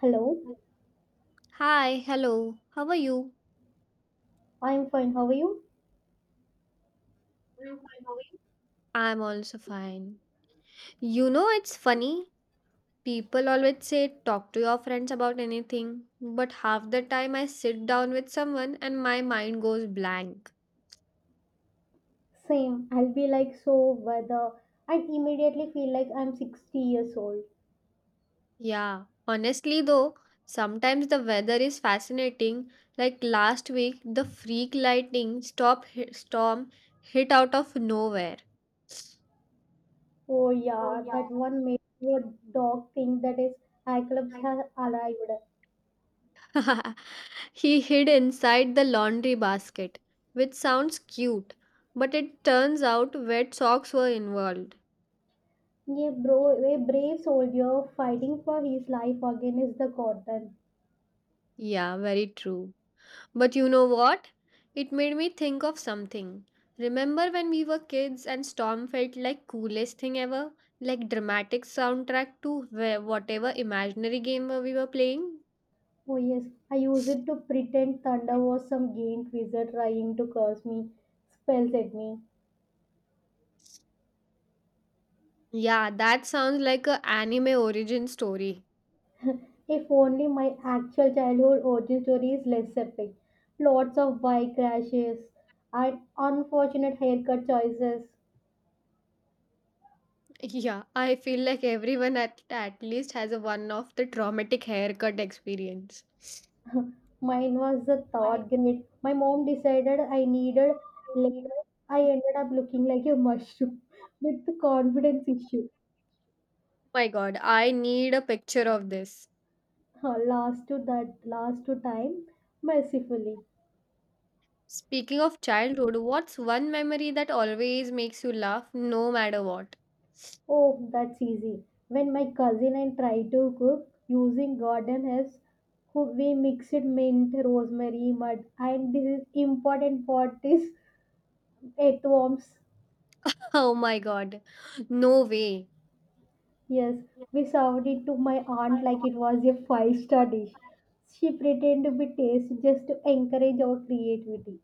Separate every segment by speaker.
Speaker 1: Hello,
Speaker 2: Hi, hello. How are you?
Speaker 1: I'm fine. How are you?
Speaker 2: I'm fine, how are you? I'm also fine. You know, it's funny. People always say talk to your friends about anything, but half the time I sit down with someone and my mind goes blank.
Speaker 1: Same. I'll be like so whether and immediately feel like I'm 60 years old.
Speaker 2: Yeah, honestly, though, sometimes the weather is fascinating. Like last week, the freak lightning stop hit, storm hit out of nowhere.
Speaker 1: Oh
Speaker 2: Oh
Speaker 1: yeah,
Speaker 2: yeah,
Speaker 1: that one made your dog think that his Cyclops has arrived.
Speaker 2: I He hid inside the laundry basket, which sounds cute, but it turns out wet socks were involved.
Speaker 1: Yeah, bro, a brave soldier fighting for his life against the cotton.
Speaker 2: Yeah, very true. But you know what? It made me think of something. Remember when we were kids and storm felt like coolest thing ever? Like dramatic soundtrack to whatever imaginary game we were playing?
Speaker 1: Oh yes, I used it to pretend thunder was some gained wizard trying to curse me, spells at me.
Speaker 2: Yeah, that sounds like a anime origin story.
Speaker 1: If only my actual childhood origin story is less epic. Lots of bike crashes and unfortunate haircut choices.
Speaker 2: Yeah, I feel like everyone at least has a one of the traumatic haircut experience.
Speaker 1: Mine was the
Speaker 2: I
Speaker 1: third grade. My mom decided I needed
Speaker 2: need
Speaker 1: lemon. I ended up looking like a mushroom with the confidence issue.
Speaker 2: Oh my God, I need a picture of this.
Speaker 1: Last to that, last to time, mercifully.
Speaker 2: Speaking of childhood, what's one memory that always makes you laugh no matter what?
Speaker 1: Oh, that's easy. When my cousin and try to cook using garden herbs, we mixed mint, rosemary, mud, and this is important part is earthworms.
Speaker 2: Oh my God, no way.
Speaker 1: Yes, we served it to my aunt like it was a five-star dish. She pretended to be taste just to encourage our creativity.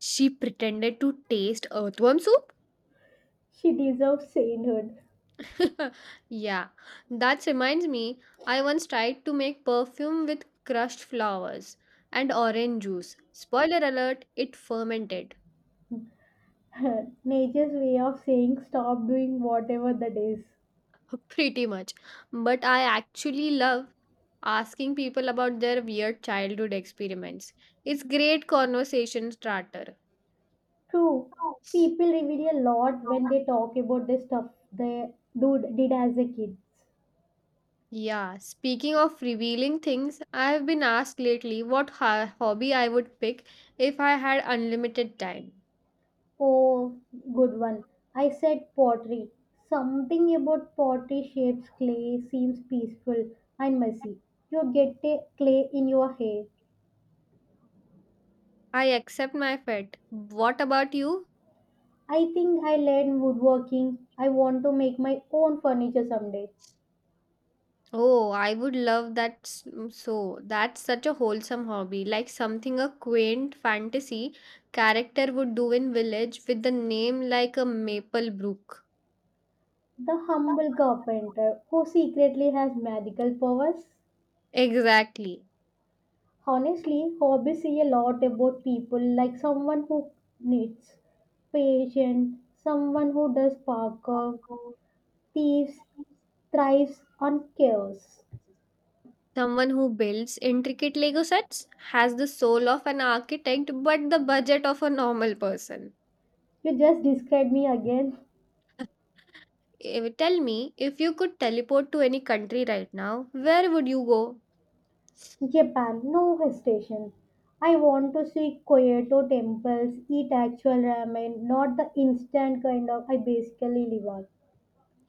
Speaker 2: She pretended to taste earthworm soup?
Speaker 1: She deserves sainthood.
Speaker 2: Yeah, that reminds me, I once tried to make perfume with crushed flowers and orange juice. Spoiler alert, it fermented.
Speaker 1: Nature's way of saying stop doing whatever that is.
Speaker 2: Pretty much. But I actually love asking people about their weird childhood experiments. It's great conversation starter.
Speaker 1: True,
Speaker 2: Oh.
Speaker 1: people reveal a lot when they talk about the stuff they do did as a kid.
Speaker 2: Yeah, speaking of revealing things, I have been asked lately what hobby I would pick if I had unlimited time.
Speaker 1: Oh, good one. I said pottery. Something about pottery shapes clay seems peaceful and messy. You get a clay in your hair.
Speaker 2: I accept my fate. What about you?
Speaker 1: I think I learned woodworking. I want to make my own furniture someday.
Speaker 2: Oh, I would love that so. That's such a wholesome hobby, like something a quaint fantasy character would do in village with the name like a maple brook.
Speaker 1: The humble carpenter who secretly has magical powers.
Speaker 2: Exactly.
Speaker 1: Honestly, hobbies say a lot about people, like someone who knits, patient, someone who does parkour, thieves, thrives on chaos.
Speaker 2: Someone who builds intricate Lego sets has the soul of an architect but the budget of a normal person.
Speaker 1: You just described me again.
Speaker 2: Tell me, if you could teleport to any country right now, where would you go?
Speaker 1: Japan, no hesitation. I want to see Kyoto temples, eat actual ramen, not the instant kind of I basically live on.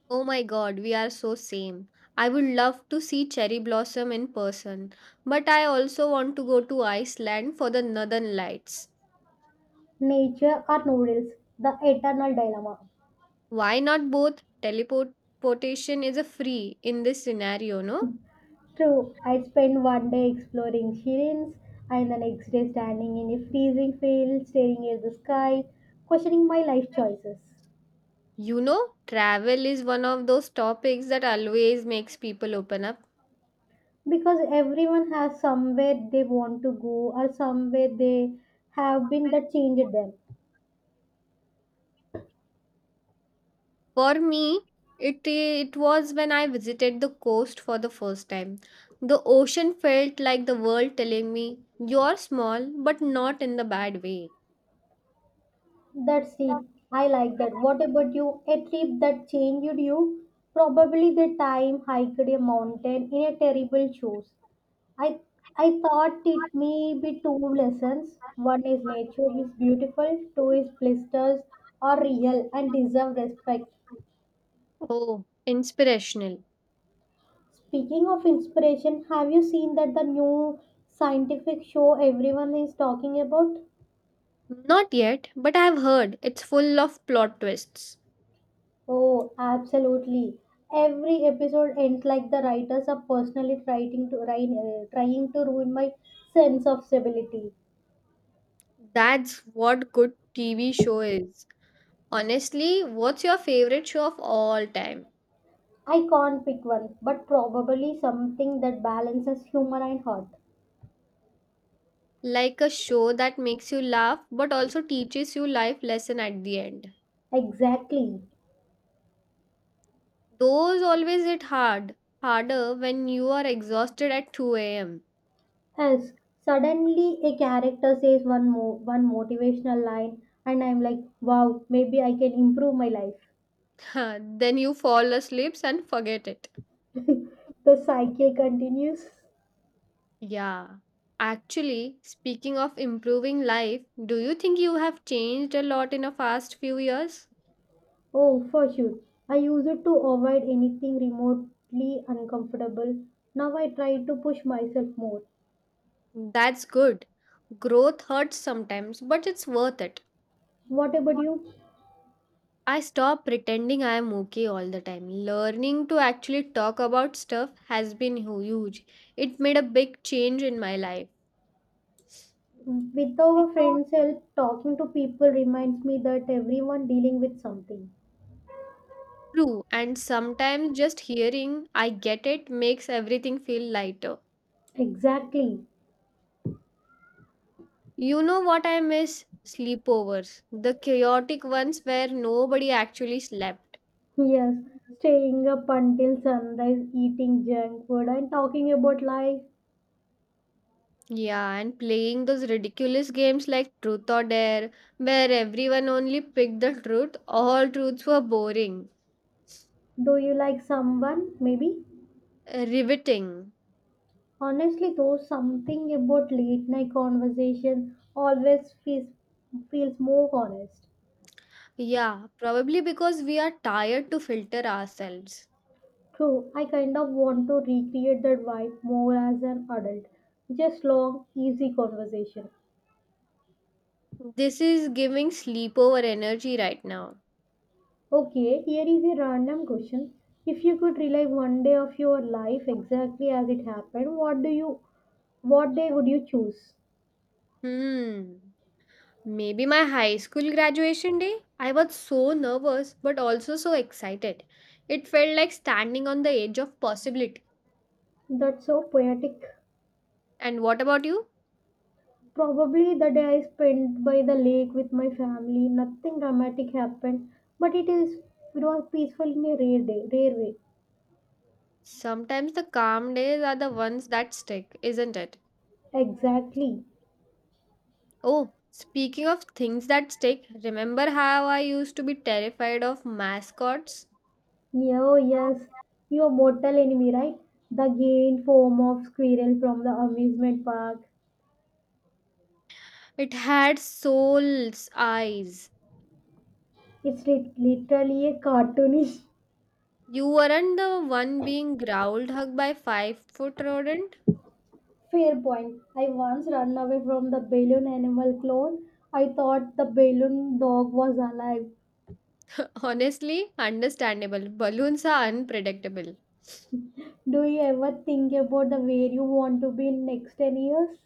Speaker 2: Oh my God, we are so same. I would love to see cherry blossom in person, but I also want to go to Iceland for the Northern Lights.
Speaker 1: Nature
Speaker 2: Right.
Speaker 1: or noodles, the eternal dilemma.
Speaker 2: Why not both? Teleportation is a free in this scenario, no?
Speaker 1: True, I spent one day exploring Shirin's and the next day standing in a freezing field, staring at the sky, questioning my life choices.
Speaker 2: You know, travel is one of those topics that always makes people open up.
Speaker 1: Because everyone has somewhere they want to go or somewhere they have been that changed them.
Speaker 2: For me, it was when I visited the coast for the first time. The ocean felt like the world telling me, "You're small, but not in the bad way."
Speaker 1: That's deep. I like that. What about you? A trip that changed you? Probably the time hiked a mountain in a terrible shoes I I thought it may be two lessons. One is nature is beautiful, two is blisters are real and deserve respect.
Speaker 2: Oh, inspirational.
Speaker 1: Speaking of inspiration, have you seen that the new scientific show everyone is talking about?
Speaker 2: Not yet, but I've heard it's full of plot twists.
Speaker 1: Oh, absolutely. Every episode ends like the writers are personally trying to ruin my sense of stability.
Speaker 2: That's what good TV show is. Honestly, what's your favorite show of all time?
Speaker 1: I can't pick one, but probably something that balances humor and heart.
Speaker 2: Like a show that makes you laugh but also teaches you life lesson at the end.
Speaker 1: Exactly.
Speaker 2: Those always hit hard, harder when you are exhausted at 2 a.m.
Speaker 1: Yes. Suddenly a character says one motivational line and I'm like, wow, maybe I can improve my life.
Speaker 2: Then you fall asleep and forget it.
Speaker 1: The cycle continues.
Speaker 2: Yeah. Actually, speaking of improving life, do you think you have changed a lot in a fast few years?
Speaker 1: Oh, for sure. I used to avoid anything remotely uncomfortable. Now I try to push myself more.
Speaker 2: That's good. Growth hurts sometimes, but it's worth it.
Speaker 1: What about you?
Speaker 2: I stop pretending I am okay all the time. Learning to actually talk about stuff has been huge. It made a big change in my life.
Speaker 1: With our
Speaker 2: Because-
Speaker 1: friends' help, talking to people reminds me that everyone dealing with something.
Speaker 2: True, and sometimes just hearing I get it makes everything feel lighter.
Speaker 1: Exactly.
Speaker 2: You know what I miss? Sleepovers. The chaotic ones where nobody actually slept.
Speaker 1: Yes, staying up until sunrise, eating junk food, and talking about life.
Speaker 2: Yeah, and playing those ridiculous games like Truth or Dare, where everyone only picked the truth, all truths were boring.
Speaker 1: Do you like someone? Maybe.
Speaker 2: Riveting.
Speaker 1: Honestly, though, something about late night conversation always feels more honest.
Speaker 2: Yeah, probably because we are tired to filter ourselves.
Speaker 1: True, I kind of want to recreate that vibe more as an adult. Just long, easy conversation.
Speaker 2: This is giving sleepover energy right now.
Speaker 1: Okay, here is a random question. If you could relive one day of your life exactly as it happened, what day would you choose?
Speaker 2: Hmm. Maybe my high school graduation day? I was so nervous but also so excited. It felt like standing on the edge of possibility.
Speaker 1: That's so poetic.
Speaker 2: And what about you?
Speaker 1: Probably the day I spent by the lake with my family, nothing dramatic happened, but it was peaceful in a rare way.
Speaker 2: Sometimes the calm days are the ones that stick, isn't it?
Speaker 1: Exactly.
Speaker 2: Oh, speaking of things that stick, remember how I used to be terrified of mascots?
Speaker 1: Oh yes, your mortal enemy, right? The gained form of squirrel from the amusement park.
Speaker 2: It had soul's eyes.
Speaker 1: It's literally a cartoonish.
Speaker 2: You weren't the one being growled hugged by 5-foot rodent.
Speaker 1: Fair point. I once ran away from the balloon animal clone. I thought the balloon dog was alive.
Speaker 2: Honestly, understandable. Balloons are unpredictable.
Speaker 1: Do you ever think about the where you want to be in next 10 years?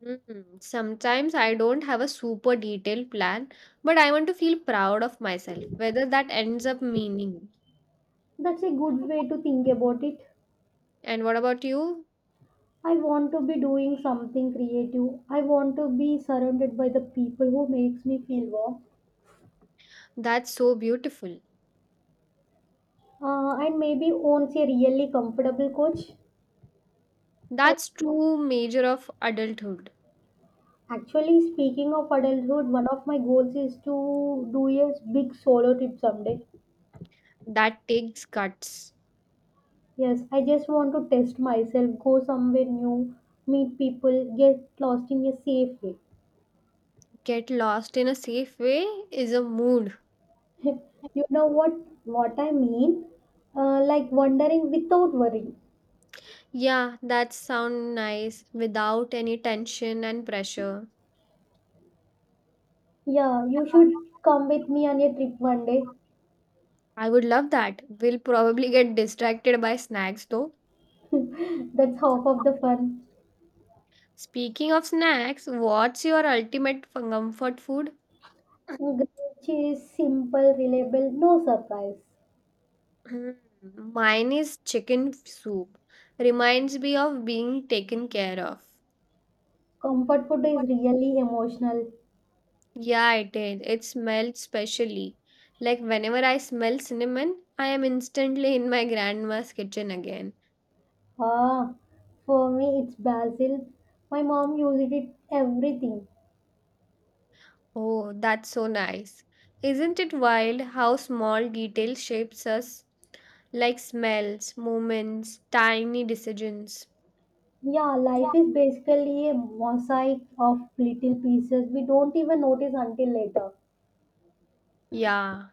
Speaker 2: Sometimes I don't have a super detailed plan, but I want to feel proud of myself, whether that ends up meaning.
Speaker 1: That's a good way to think about it.
Speaker 2: And what about you?
Speaker 1: I want to be doing something creative. I want to be surrounded by the people who makes me feel warm.
Speaker 2: That's so beautiful.
Speaker 1: And maybe owns a really comfortable coach. Co-
Speaker 2: That's true measure of adulthood.
Speaker 1: Actually, speaking of adulthood, one of my goals is to do a big solo trip someday.
Speaker 2: That takes guts.
Speaker 1: Yes, I just want to test myself, go somewhere new, meet people, get lost in a safe way.
Speaker 2: Get lost in a safe way is a mood.
Speaker 1: You know what I mean? Like wandering without worry.
Speaker 2: Yeah, that sound nice without any tension and pressure.
Speaker 1: Yeah, you should come with me on a trip one day.
Speaker 2: I would love that. We'll probably get distracted by snacks though.
Speaker 1: That's half of the fun.
Speaker 2: Speaking of snacks, what's your ultimate comfort food?
Speaker 1: Which is simple, reliable, no surprise.
Speaker 2: Mine is chicken soup. Reminds me of being taken care of.
Speaker 1: Comfort food is really emotional.
Speaker 2: Yeah, it is. It smells specially. Like whenever I smell cinnamon, I am instantly in my grandma's kitchen again.
Speaker 1: Ah, for me it's basil. My mom uses it everything.
Speaker 2: Oh, that's so nice. Isn't it wild how small detail shapes us, like smells, movements, tiny decisions?
Speaker 1: Yeah,
Speaker 2: Yeah.
Speaker 1: life is basically a mosaic of little pieces we don't even notice until later.
Speaker 2: Yeah,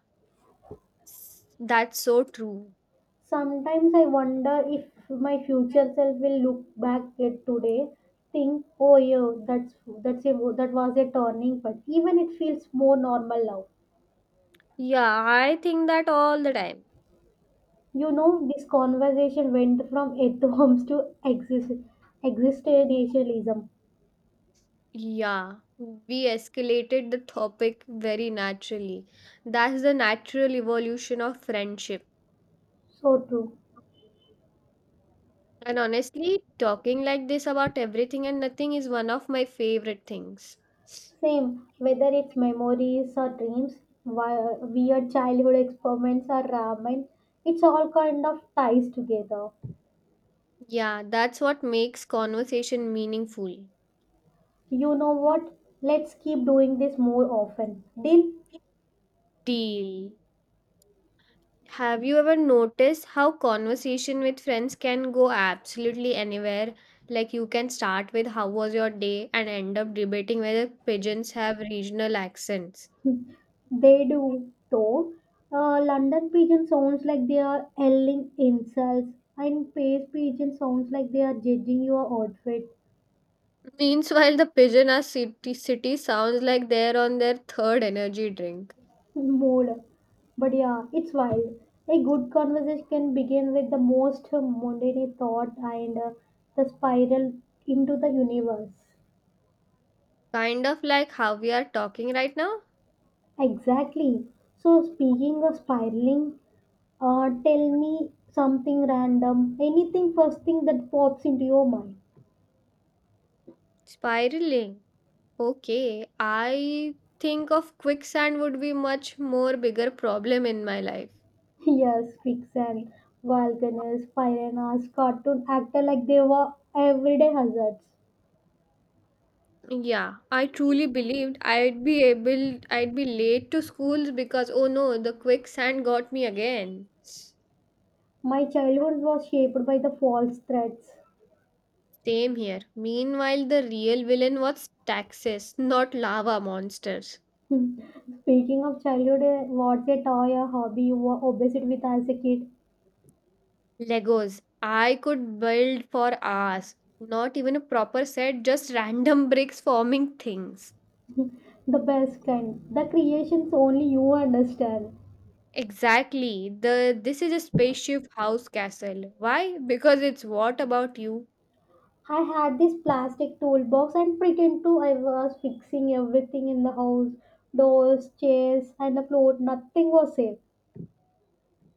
Speaker 2: that's so true.
Speaker 1: Sometimes I wonder if my future self will look back at today, think, "Oh yeah, that was a turning point." Even it feels more normal now.
Speaker 2: Yeah, I think that all the time.
Speaker 1: You know, this conversation went from atoms to existentialism.
Speaker 2: Yeah, we escalated the topic very naturally. That's the natural evolution of friendship.
Speaker 1: So true.
Speaker 2: And honestly, talking like this about everything and nothing is one of my favorite things.
Speaker 1: Same, whether it's memories or dreams, weird childhood experiments or ramen, it's all kind of ties together.
Speaker 2: Yeah, that's what makes conversation meaningful.
Speaker 1: You know
Speaker 2: No.
Speaker 1: what? Let's keep doing this more often. Did
Speaker 2: Deal. Have you ever noticed how conversation with friends can go absolutely anywhere? Like you can start with how was your day and end up debating whether pigeons have regional accents.
Speaker 1: they do though? London pigeon sounds like they are yelling insults, and Paris pigeon sounds like they are judging your outfit
Speaker 2: Meanwhile, the pigeon are city sounds like they're on their third energy drink.
Speaker 1: more. But yeah, it's wild. A good conversation can begin with the most mundane thought and the spiral into the universe.
Speaker 2: Kind of like how we are talking right now.
Speaker 1: Exactly. So, speaking of spiraling, tell me something random. Anything first thing that pops into your mind.
Speaker 2: Spiraling. Okay, I think of quicksand would be much more bigger problem in my life.
Speaker 1: Yes, quicksand, volcanoes, piranhas, cartoon actor like they were everyday hazards.
Speaker 2: Yeah, I truly believed I'd be late to schools because oh no, the quicksand got me again.
Speaker 1: My childhood was shaped by the false threats.
Speaker 2: Same here. Meanwhile, the real villain was taxes, not lava monsters.
Speaker 1: Speaking of childhood, what's a toy or hobby you were obsessed with as a kid?
Speaker 2: Legos. I could build for hours. Not even a proper set, just random bricks forming things.
Speaker 1: The best kind. The creations only you understand.
Speaker 2: Exactly. The This is a spaceship house castle. Why? Because it's what about you?
Speaker 1: I had this plastic toolbox and pretend to I was fixing everything in the house doors, chairs, and the floor. Nothing was safe.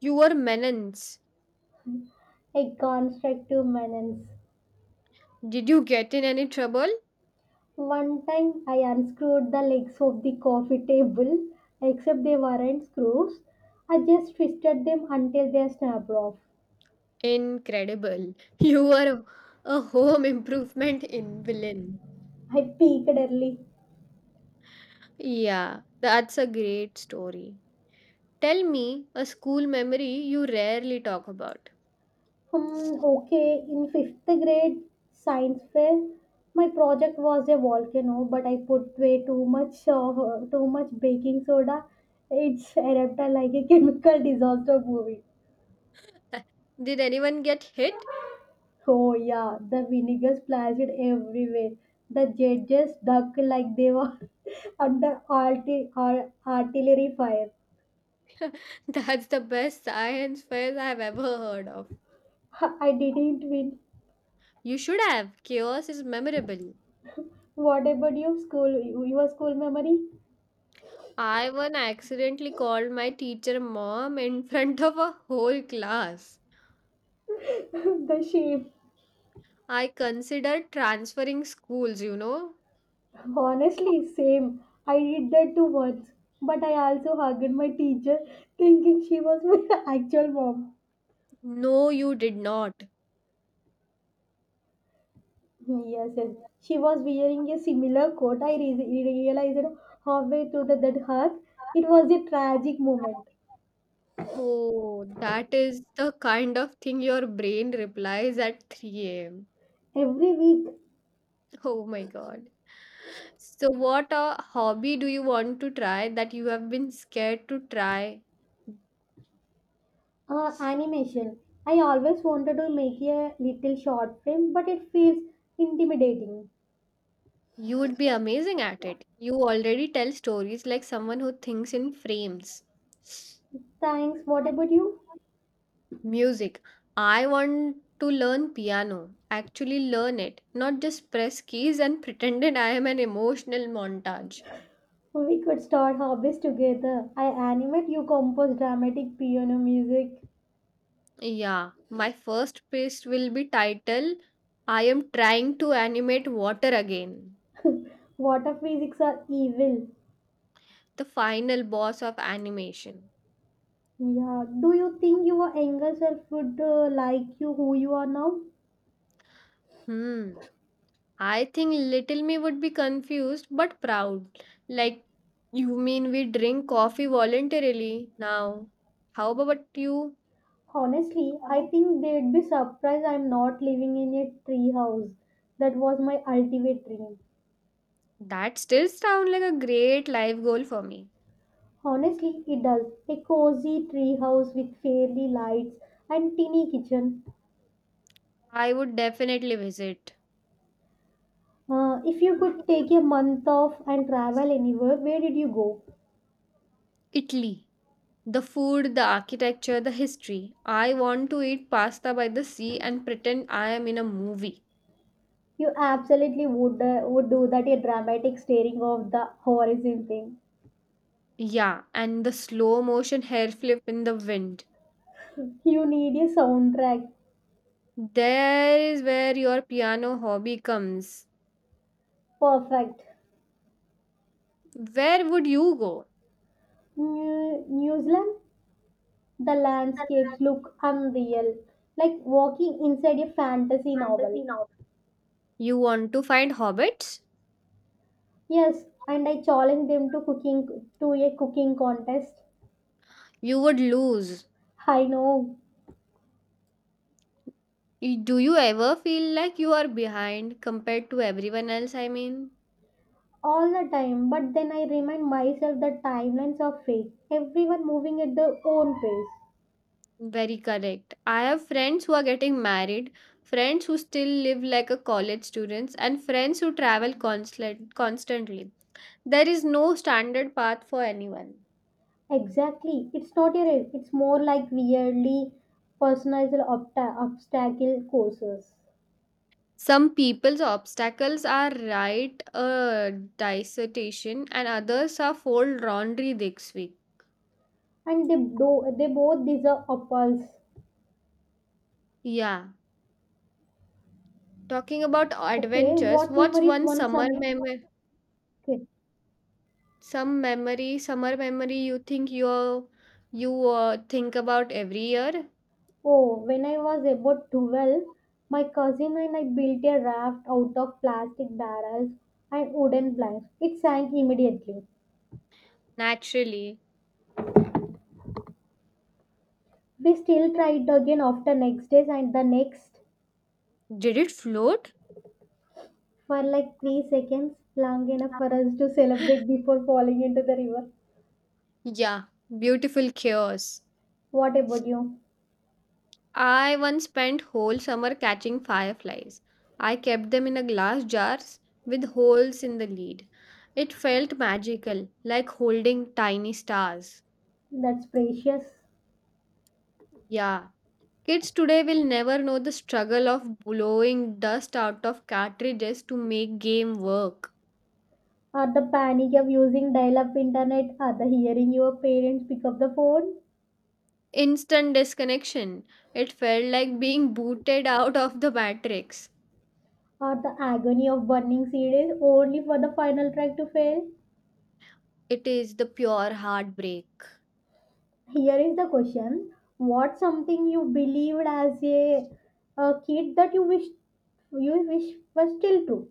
Speaker 2: You were menace.
Speaker 1: A constructive menace.
Speaker 2: Did you get in any trouble?
Speaker 1: One time I unscrewed the legs of the coffee table, except they weren't screws. I just twisted them until they snapped off.
Speaker 2: Incredible. You were a home improvement in villain.
Speaker 1: I peeked early.
Speaker 2: Yeah, that's a great story. Tell me a school memory you rarely talk about.
Speaker 1: Hmm, okay, in fifth grade science fair, my project was a volcano, but I put way too much baking soda. It's erupted like a chemical disaster movie.
Speaker 2: Did anyone get hit?
Speaker 1: Oh yeah, the vinegar splashed everywhere. The judges ducked like they were under artillery fire.
Speaker 2: That's the best science fair I've ever heard of.
Speaker 1: I didn't win.
Speaker 2: You should have. Chaos is memorable.
Speaker 1: What about your school? Your school memory?
Speaker 2: I one accidentally called my teacher mom in front of a whole class.
Speaker 1: The shame.
Speaker 2: I considered transferring schools.
Speaker 1: Honestly, same. I did that too once, but I also hugged my teacher thinking she was my actual mom.
Speaker 2: No, you did not.
Speaker 1: Yes, yes. She was wearing a similar coat. I realized halfway through the that hug. It was a tragic moment.
Speaker 2: Oh, that is the kind of thing your brain replies at 3 a.m.
Speaker 1: Every week,
Speaker 2: Oh my God. So, what a hobby do you want to try that you have been scared to try?
Speaker 1: animation. I always wanted to make a little short film, but it feels intimidating.
Speaker 2: You would be amazing at it. You already tell stories like someone who thinks in frames.
Speaker 1: Thanks. What about you?
Speaker 2: Music. I want to learn piano. Actually, learn it, not just press keys and pretended I am an emotional montage.
Speaker 1: So we could start hobbies together. I animate, you compose dramatic piano music.
Speaker 2: Yeah, my first piece will be titled I am trying to animate water again.
Speaker 1: Water physics are evil.
Speaker 2: The final boss of animation.
Speaker 1: Yeah. Do you think your younger self would like you who you are now?
Speaker 2: Hmm. I think little me would be confused but proud. Like, you mean we drink coffee voluntarily now? How about you?
Speaker 1: Honestly, I think they'd be surprised I'm not living in a tree house. That was my ultimate dream.
Speaker 2: That still sounds like a great life goal for me.
Speaker 1: Honestly, it does. A cozy tree house with fairy lights and teeny kitchen.
Speaker 2: I would definitely visit.
Speaker 1: If you
Speaker 2: Mm.
Speaker 1: could take a month off and travel anywhere, where did you go?
Speaker 2: Italy. The food, the architecture, the history. I want to eat pasta by the sea and pretend I am in a movie.
Speaker 1: You absolutely would do that a dramatic staring of the horizon thing.
Speaker 2: Yeah, and the slow motion hair flip in the wind.
Speaker 1: You need a soundtrack.
Speaker 2: There is where your piano hobby comes.
Speaker 1: Perfect.
Speaker 2: Where would you go?
Speaker 1: New Zealand, the landscapes look unreal, like walking inside a fantasy novel.
Speaker 2: No. You want to find hobbits?
Speaker 1: Yes, and I challenge them to a cooking contest.
Speaker 2: You would lose.
Speaker 1: I know.
Speaker 2: Do you ever feel like you are behind compared to everyone else? I mean,
Speaker 1: All the time, but then I remind myself that timelines are fake. Everyone moving at their own pace.
Speaker 2: very correct. I have friends who are getting married, friends who still live like a college students, and friends who travel constantly. There is no standard path for anyone.
Speaker 1: Exactly. It's not a race. It's more like weirdly personalized obstacle courses.
Speaker 2: Some people's obstacles are write a dissertation and others are fold laundry this week.
Speaker 1: And they both deserve apples.
Speaker 2: Yeah. Talking about
Speaker 1: Okay,
Speaker 2: adventures,
Speaker 1: what
Speaker 2: what's
Speaker 1: memories
Speaker 2: one
Speaker 1: one
Speaker 2: summer
Speaker 1: some
Speaker 2: memory
Speaker 1: okay.
Speaker 2: you think you you think about every year?
Speaker 1: Oh, when I was about 12, my cousin and I built a raft out of plastic barrels and wooden planks. It sank immediately.
Speaker 2: Naturally.
Speaker 1: We still tried again after next days and the next
Speaker 2: Did it float?
Speaker 1: for like 3 seconds, long enough for us to celebrate before falling into the river.
Speaker 2: Yeah, beautiful chaos.
Speaker 1: What about you?
Speaker 2: I once spent whole summer catching fireflies. I kept them in a glass jars with holes in the lid. It felt magical, like holding tiny stars.
Speaker 1: That's precious.
Speaker 2: Yeah. Kids today will never know the struggle of blowing dust out of cartridges to make game work.
Speaker 1: Or the panic of using dial up internet, or the hearing your parents pick up the phone,
Speaker 2: Instant disconnection. It felt like being booted out of the matrix.
Speaker 1: or the agony of burning CDs only for the final track to fail.
Speaker 2: It is the pure heartbreak.
Speaker 1: Here is the question. What something you believed as a kid that you wish was still true?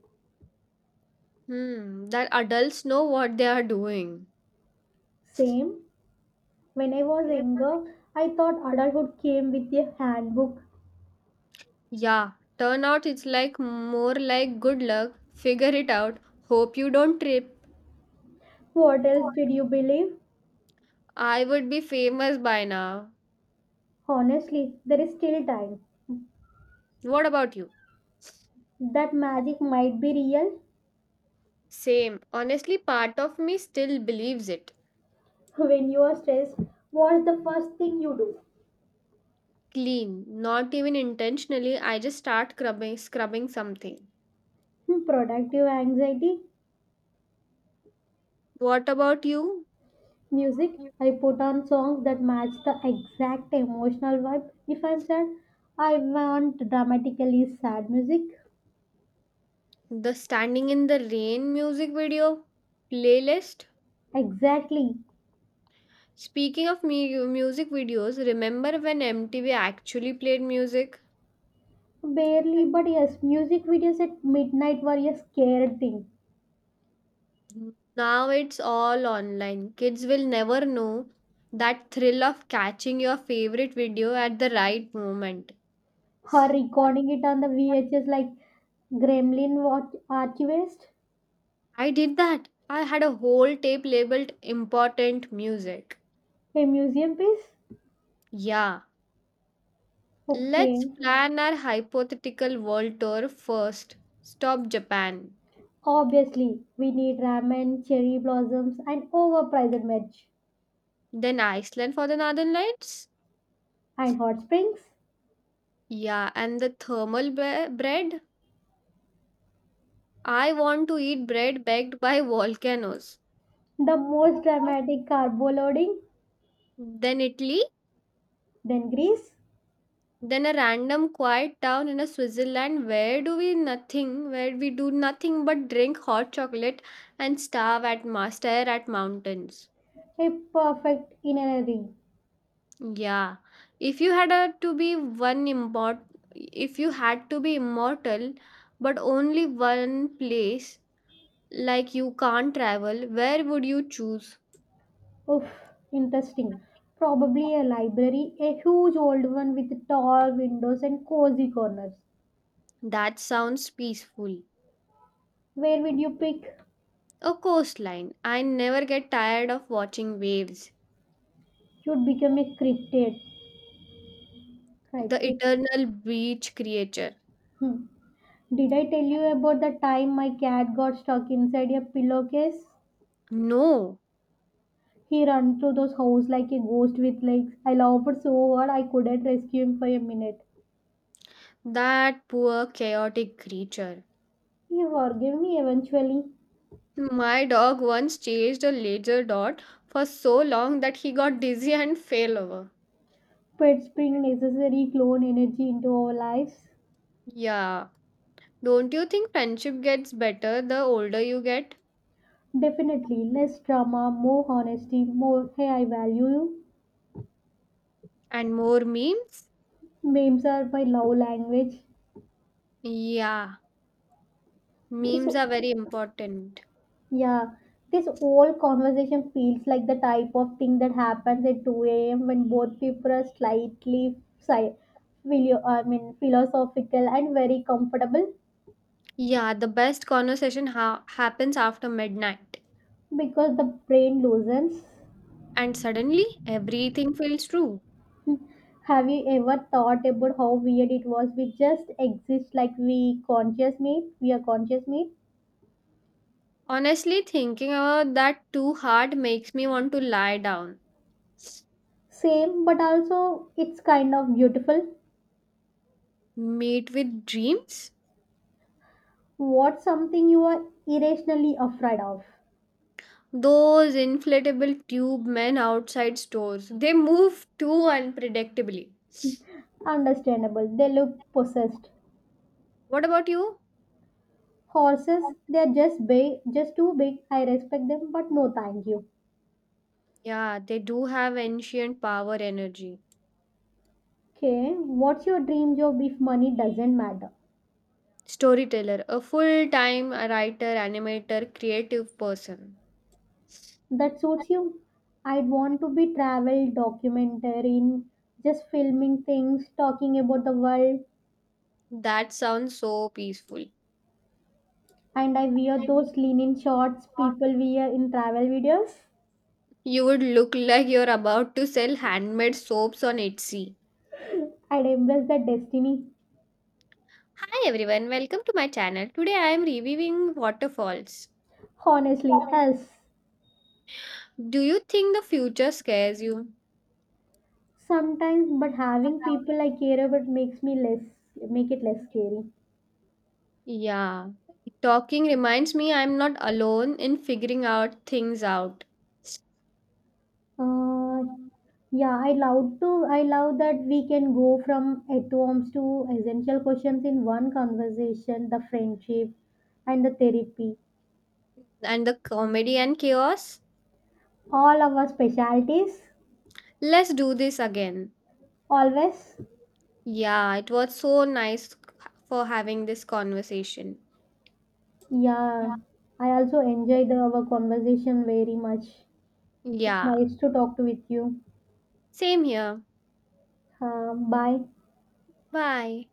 Speaker 2: Hmm, that adults know what they are doing.
Speaker 1: Same. When I was younger, I thought adulthood came with a handbook.
Speaker 2: Yeah, turnout is like more like good luck, figure it out, hope you don't trip.
Speaker 1: What else did you believe?
Speaker 2: I would be famous by now.
Speaker 1: Honestly, there is still time.
Speaker 2: What about you?
Speaker 1: That magic might be real.
Speaker 2: Same. Honestly, part of me still believes it.
Speaker 1: When you are stressed, what's the first thing you do?
Speaker 2: Clean, not even intentionally, I just start scrubbing something.
Speaker 1: Hmm, productive anxiety.
Speaker 2: What about you?
Speaker 1: Music. I put on songs that match the exact emotional vibe. If I'm sad, I want dramatically sad music.
Speaker 2: The standing in the rain music video playlist?
Speaker 1: Exactly.
Speaker 2: Speaking of music videos, remember when MTV actually played music?
Speaker 1: Barely, but yes, music videos at midnight were a scared thing.
Speaker 2: Now it's all online. Kids will never know that thrill of catching your favorite video at the right moment.
Speaker 1: Her recording it on the VHS like gremlin watch archivist.
Speaker 2: I did that. I had a whole tape labeled important music.
Speaker 1: A museum piece.
Speaker 2: Yeah, let's
Speaker 1: Okay.
Speaker 2: plan our hypothetical world tour first. Stop Japan,
Speaker 1: Obviously, we need ramen, cherry blossoms, and overpriced merch.
Speaker 2: then Iceland for the Northern Lights.
Speaker 1: And hot springs?
Speaker 2: Yeah, and the thermal bread. I want to eat bread baked by volcanoes.
Speaker 1: The most dramatic carbo loading.
Speaker 2: Then Italy.
Speaker 1: Then Greece?
Speaker 2: Then a random quiet town in a Switzerland where we do nothing but drink hot chocolate and starve at stare at mountains.
Speaker 1: A perfect itinerary.
Speaker 2: Yeah. If you had a, to be one immort If you had to be immortal but only one place like you can't travel, where would you choose?
Speaker 1: Oof, interesting. Probably a library, a huge old one with tall windows and cozy corners.
Speaker 2: That sounds peaceful.
Speaker 1: Where would you pick?
Speaker 2: A coastline. I never get tired of watching waves.
Speaker 1: You'd become a cryptid.
Speaker 2: The
Speaker 1: Cryptid?
Speaker 2: eternal beach creature.
Speaker 1: Hmm. Did I tell you about the time my cat got stuck inside a pillowcase?
Speaker 2: No.
Speaker 1: He ran through those house like a ghost with legs. I loved so hard I couldn't rescue him for a minute.
Speaker 2: That poor chaotic creature.
Speaker 1: He forgave me eventually.
Speaker 2: My dog once chased a laser dot for so long that he got dizzy and fell over.
Speaker 1: Pets bring necessary clone energy into our lives.
Speaker 2: Yeah. Don't you think friendship gets better the older you get?
Speaker 1: Definitely less drama, more honesty, more hey I value you.
Speaker 2: And more memes?
Speaker 1: Memes are my love language.
Speaker 2: Yeah.
Speaker 1: This
Speaker 2: Memes are very important.
Speaker 1: Yeah. This whole conversation feels like the type of thing that happens at 2 a.m. when both people are slightly I mean, philosophical and very comfortable.
Speaker 2: Yeah, the best conversation happens after midnight.
Speaker 1: Because the brain loosens.
Speaker 2: And suddenly, everything feels true.
Speaker 1: Have you ever thought about how weird it was? We just exist like we conscious me. We are conscious me.
Speaker 2: Honestly, thinking about that too hard makes me want to lie down.
Speaker 1: Same, but also it's kind of beautiful.
Speaker 2: Mate with dreams?
Speaker 1: What's something you are irrationally afraid of?
Speaker 2: Those inflatable tube men outside stores. They move too unpredictably.
Speaker 1: Understandable. They look possessed.
Speaker 2: What about you?
Speaker 1: Horses, they're just big, just too big. I respect them, but no, thank you.
Speaker 2: Yeah, they do have ancient power energy.
Speaker 1: Okay, what's your dream job if money doesn't matter?
Speaker 2: Storyteller, a full time writer, animator, creative person.
Speaker 1: That suits you. I'd want to be travel documentarian, just filming things, talking about the world,
Speaker 2: That sounds so peaceful.
Speaker 1: and I wear those linen shorts people wear in travel videos.
Speaker 2: You would look like you're about to sell handmade soaps on Etsy.
Speaker 1: I'd embrace that destiny.
Speaker 2: Hi everyone, welcome to my channel. Today I am reviewing waterfalls.
Speaker 1: Honestly, yes.
Speaker 2: Do you think the future scares you?
Speaker 1: Sometimes, but having people I care about makes me less, make it less scary.
Speaker 2: Yeah. Talking reminds me I'm not alone in figuring out things out.
Speaker 1: Uh, Yeah, I love to. I love that we can go from atoms to essential questions in one conversation. The friendship and the therapy,
Speaker 2: And the comedy and chaos.
Speaker 1: all our specialties.
Speaker 2: Let's do this again.
Speaker 1: Always,
Speaker 2: Yeah, it was so nice for having this conversation.
Speaker 1: yeah. I also enjoy our conversation very much. It's
Speaker 2: Yeah.
Speaker 1: nice to talk to with you.
Speaker 2: Same here.
Speaker 1: Bye.
Speaker 2: Bye.